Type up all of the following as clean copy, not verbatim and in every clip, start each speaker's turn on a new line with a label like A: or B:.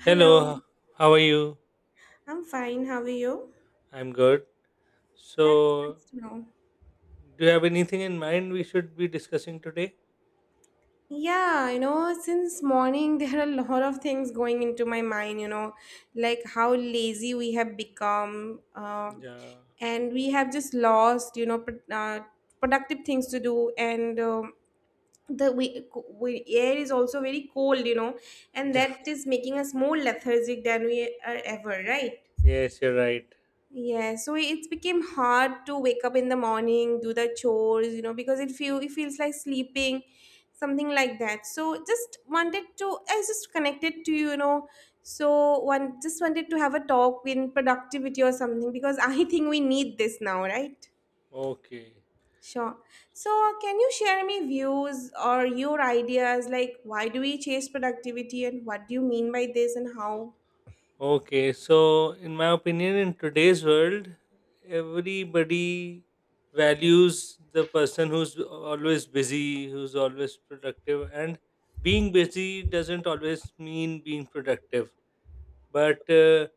A: Hello,
B: Hello, how are you?
A: I'm fine. How are you?
B: I'm good.
A: That's
B: So,
A: nice to know.
B: do you have anything in mind we should be discussing today?
A: Yeah, you know, since morning there are a lot of things going into my mind, you know, like how lazy we have become,
B: Yeah.
A: and we have just lost, productive things to do, and the we air is also very cold, you know, and
B: Yeah.
A: that is making us more lethargic than we are ever, right?
B: Yes, you're right.
A: Yeah, so it became hard to wake up in the morning, do the chores, you know, because it feels like sleeping, something like that. So I was just connected to you, you know. So one just wanted to have a talk in productivity or something because I think we need this now, right?
B: Okay.
A: Sure. So can you share me views or your ideas like why do we chase productivity and what do you mean by this and how?
B: Okay. So, in my opinion, in today's world, everybody values the person who's always busy, who's always productive, and being busy doesn't always mean being productive. But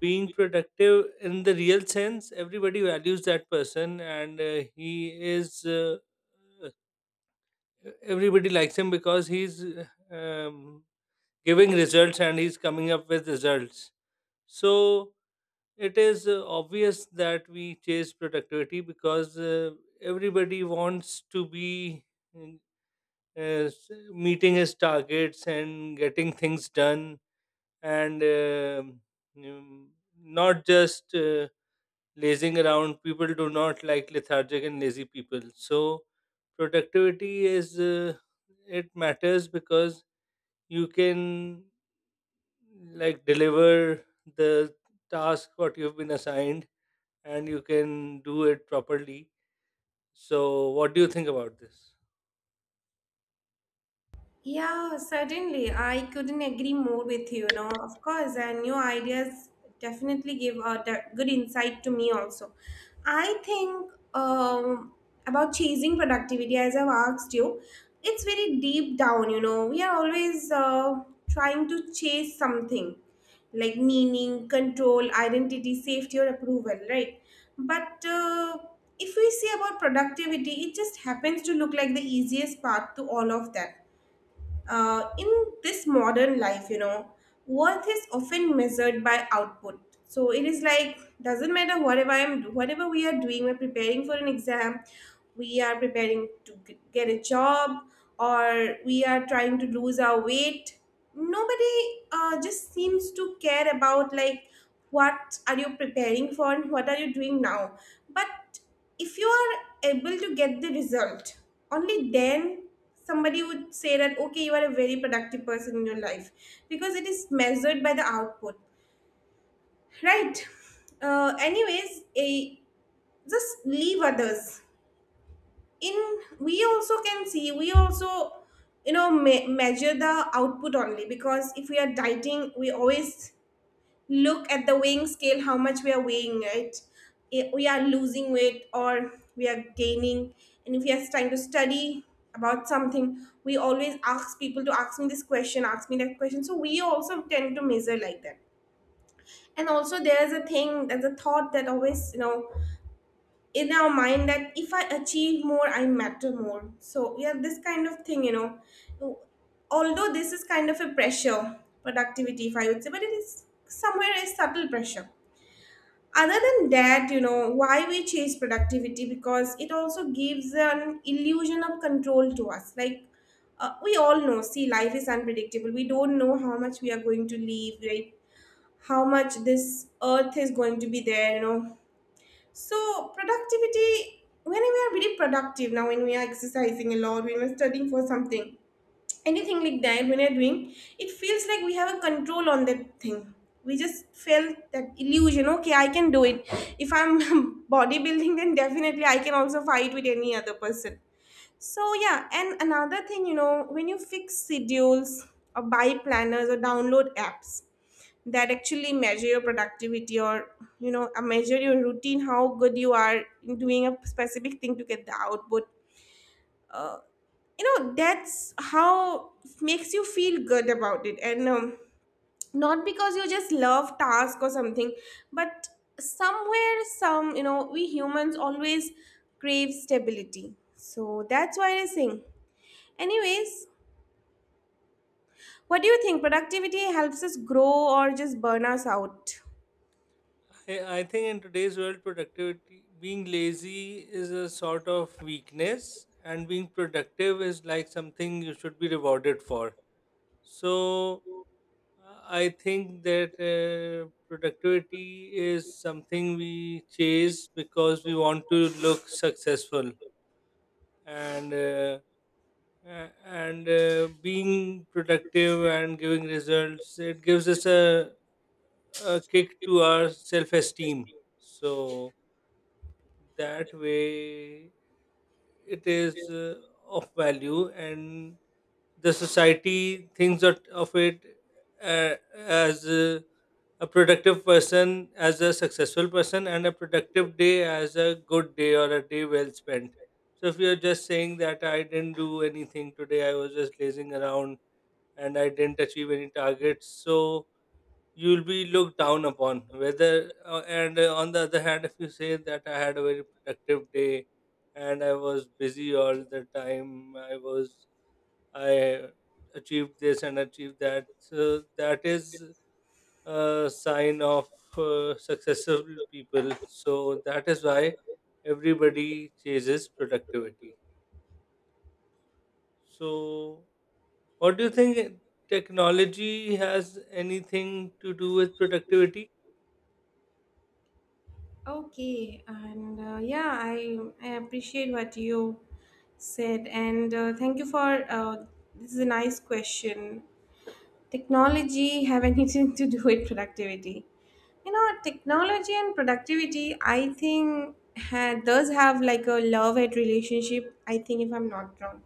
B: being productive in the real sense everybody values that person and he is everybody likes him because he's um, giving results and he's coming up with results, so it is obvious that we chase productivity because everybody wants to be mm, uh, meeting his targets and getting things done and mm, not just lazing around. People do not like lethargic and lazy people, so productivity is it matters because you can like deliver the task what you've been assigned and you can do it properly. So what do you think about this?
A: Yeah, certainly. I couldn't agree more with you, you know, of course, and your ideas definitely give good insight to me also. I think about chasing productivity, as I've asked you, it's very deep down, you know. We are always trying to chase something like meaning, control, identity, safety, or approval, right? But if we say about productivity, it just happens to look like the easiest path to all of that in this modern life, you know, worth is often measured by output. So it is like doesn't matter whatever we are doing, we're preparing for an exam, we are preparing to get a job, or we are trying to lose our weight. Nobody just seems to care about like what are you preparing for and what are you doing now. But if you are able to get the result, only then somebody would say that okay, you are a very productive person in your life because it is measured by the output, right? Anyways, just leave others. In We also can see, we also, you know, measure the output only, because if we are dieting, we always look at the weighing scale, how much we are weighing, right? We are losing weight or we are gaining. And if we are trying to study about something, we always ask people to ask me this question, ask me that question, so we also tend to measure like that. And also there's a thing, there's a thought that always, you know, in our mind, that if I achieve more, I matter more. So yeah, this kind of thing, you know, although this is kind of a pressure productivity, if I would say, but it is somewhere a subtle pressure. Other than that, you know, why we chase productivity, because it also gives an illusion of control to us, like, we all know, see, life is unpredictable, we don't know how much we are going to live, right? How much this earth is going to be there, you know. So productivity, when we are really productive now, when we are exercising a lot, when we're studying for something, anything like that, when you're doing, it feels like we have a control on that thing. We just felt that illusion, okay, I can do it. If I'm bodybuilding, then definitely I can also fight with any other person. So yeah, and another thing, you know, when you fix schedules or buy planners or download apps that actually measure your productivity or, measure your routine, how good you are in doing a specific thing to get the output. Uh you know, that's how makes you feel good about it, and not because you just love task or something, but somewhere some, you know, we humans always crave stability, so that's why I sing. Anyways, what do you think, productivity helps us grow or just burn us out?
B: I think in today's world productivity, being lazy is a sort of weakness and being productive is like something you should be rewarded for. So I think that productivity is something we chase because we want to look successful and uh, and being productive and giving results, it gives us a kick to our self esteem. So that way it is of value, and the society thinks that of it, as a productive person, as a successful person, and a productive day as a good day or a day well spent. So if you're just saying that I didn't do anything today, I was just lazing around and I didn't achieve any targets, so you'll be looked down upon whether and on the other hand if you say that I had a very productive day and I was busy all the time, I achieved this and achieved that. So that is a sign of successful people. So that is why everybody chases productivity. So, what do you think, technology has anything to do with productivity?
A: Okay, and yeah, I appreciate what you said, and thank you for this is a nice question. Technology have anything to do with productivity. You know, technology and productivity, I think, does have like a love hate relationship. I think, if I'm not wrong.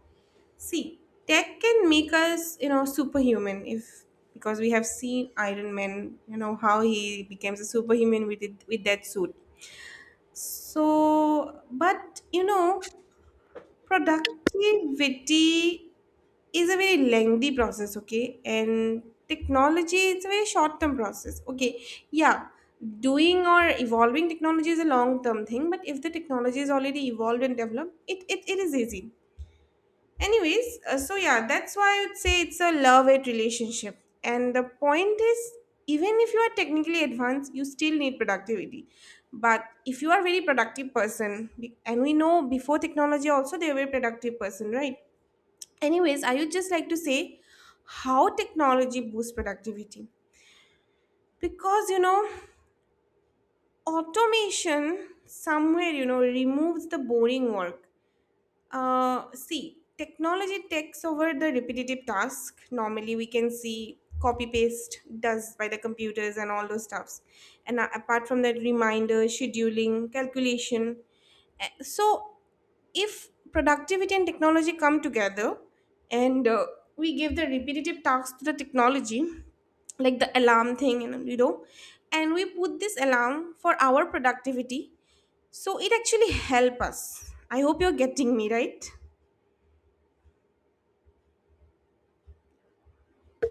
A: See, tech can make us, you know, superhuman if, because we have seen Iron Man, you know, how he becomes a superhuman with it, with that suit. So, but you know, productivity is a very lengthy process, okay, and technology, it's a very short term process, okay? Yeah, doing or evolving technology is a long term thing, but if the technology is already evolved and developed, it is easy. Anyways, so yeah, that's why I would say it's a love hate relationship, and the point is, even if you are technically advanced, you still need productivity. But if you are a very productive person, and we know before technology also they were productive person, right? Anyways, I would just like to say how technology boosts productivity, because you know, automation somewhere, you know, removes the boring work. See, technology takes over the repetitive task. Normally, we can see copy paste does by the computers and all those stuffs. And apart from that, reminder, scheduling, calculation. So, if productivity and technology come together, and we give the repetitive tasks to the technology, like the alarm thing, and you know, and we put this alarm for our productivity, so it actually help us. I hope you're getting me right.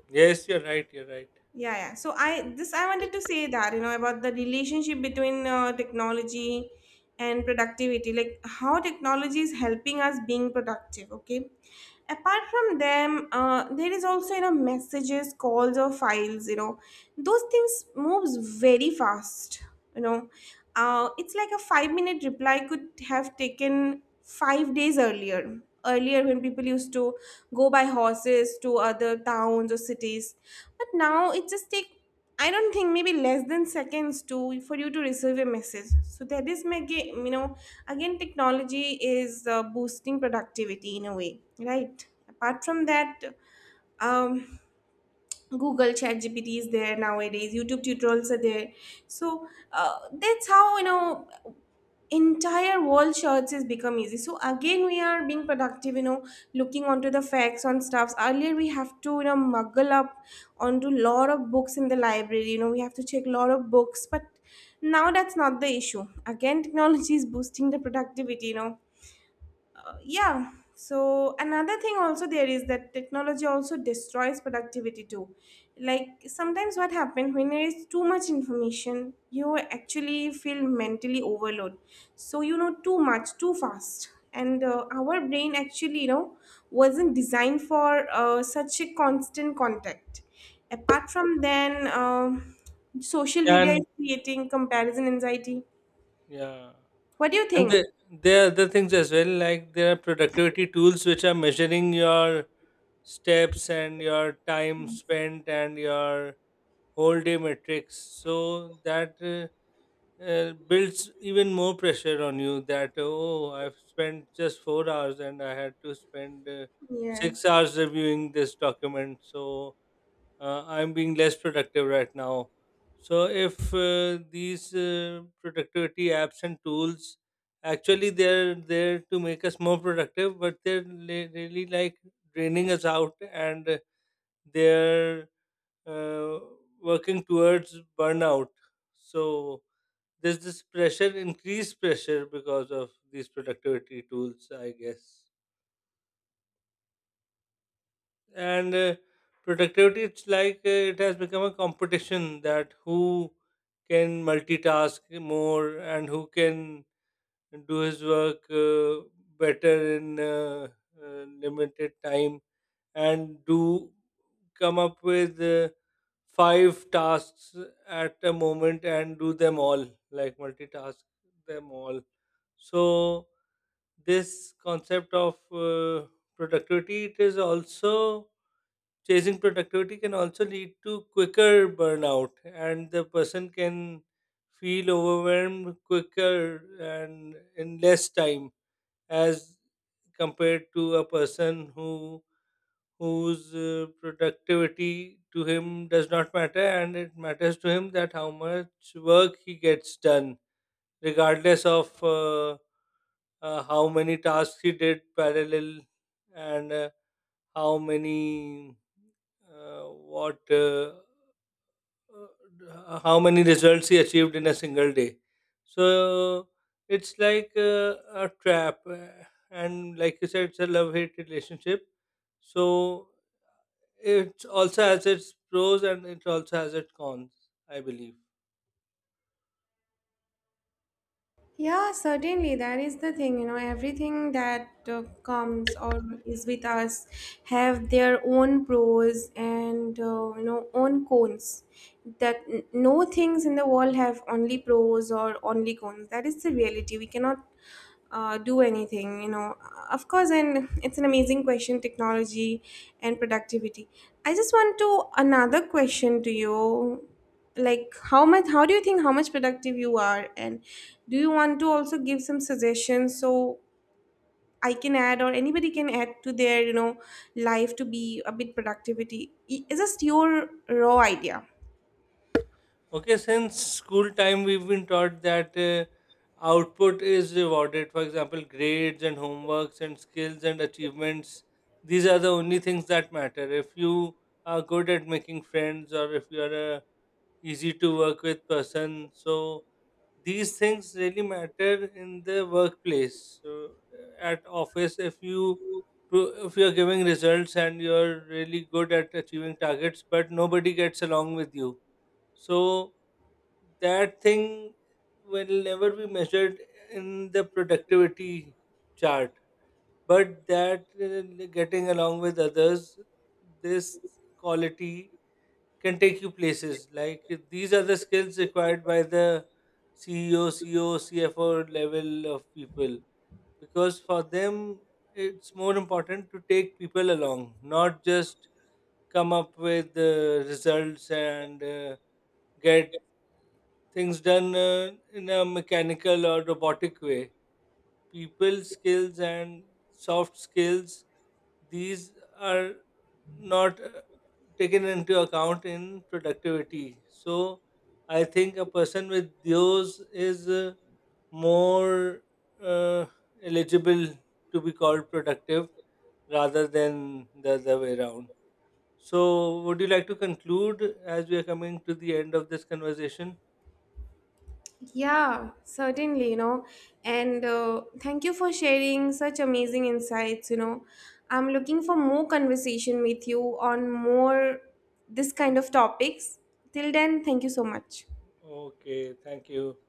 B: Yes, you're right. You're right.
A: Yeah, yeah, so I, this I wanted to say that, you know, about the relationship between technology and productivity, like how technology is helping us being productive, okay. Apart from them, there is also, you know, messages, calls, or files, you know, those things moves very fast, you know. It's like a 5 minute reply could have taken 5 days earlier when people used to go by horses to other towns or cities. But now it just take, I don't think maybe less than seconds to, for you to receive a message. So that is my you know, again, technology is boosting productivity in a way, right? Apart from that, um google, chat gpt is there nowadays, youtube tutorials are there. So that's how, you know, entire world search has become easy, so again we are being productive, you know, looking onto the facts on stuffs. Earlier we have to, you know, muggle up onto lot of books in the library, you know, we have to check lot of books, but now that's not the issue. Again, technology is boosting the productivity, you know. Yeah, so another thing also there is that technology also destroys productivity too. Like sometimes what happens, when there is too much information, you actually feel mentally overload. So you know, too much too fast, and our brain actually, you know, wasn't designed for such a constant contact. Apart from then, social media is
B: And
A: creating comparison anxiety.
B: yeah.
A: What do you
B: And
A: think?
B: there are other things as well, like there are productivity tools which are measuring your steps and your time spent and your whole day metrics. So that builds even more pressure on you that, oh, I've spent just 4 hours and I had to spend six
A: Yes.
B: hours reviewing this document. So I'm being less productive right now. So if these productivity apps and tools, actually they're there to make us more productive, but they're really like draining us out and they're uh, working towards burnout. So there's this pressure, increased pressure because of these productivity tools, I guess. And productivity, it's like it has become a competition that who can multitask more and who can do his work better in limited time and do come up with five tasks at a moment and do them all, like multitask them all. So this concept of productivity, it is also, chasing productivity can also lead to quicker burnout and the person can feel overwhelmed quicker and in less time as compared to a person who whose productivity to him does not matter, and it matters to him that how much work he gets done, regardless of uh, how many tasks he did parallel and how many uh, what uh, how many results he achieved in a single day. So it's like a trap, and like you said, it's a love hate relationship, so it also has its pros and it also has its cons, I believe.
A: Yeah, certainly. That is the thing. You know, everything that comes or is with us have their own pros and, you know, own cons. That no things in the world have only pros or only cons. That is the reality. We cannot do anything. You know, of course, and it's an amazing question, technology and productivity. I just want to another question to you, like how much, how do you think how much productive you are, and do you want to also give some suggestions, so I can add or anybody can add to their, you know, life to be a bit productivity. It's just your raw idea.
B: Okay, since school time, we've been taught that output is rewarded. For example, grades and homeworks and skills and achievements. These are the only things that matter. If you are good at making friends or if you are a easy to work with person, so these things really matter in the workplace. So at office, if you if you're giving results and you're really good at achieving targets, but nobody gets along with you. So that thing will never be measured in the productivity chart, but that getting along with others, this quality can take you places, like these are the skills required by the ceo ceo CFO level of people, because for them it's more important to take people along, not just come up with results and get things done in a mechanical or robotic way. People skills and soft skills, these are not taken into account in productivity. So, I think a person with those is more uh, eligible to be called productive rather than the other way around. So, would you like to conclude as we are coming to the end of this conversation?
A: Yeah, certainly, you know, and thank you for sharing such amazing insights, you know, I'm looking for more conversation with you on more this kind of topics. Till then, thank you so much.
B: Okay, thank you.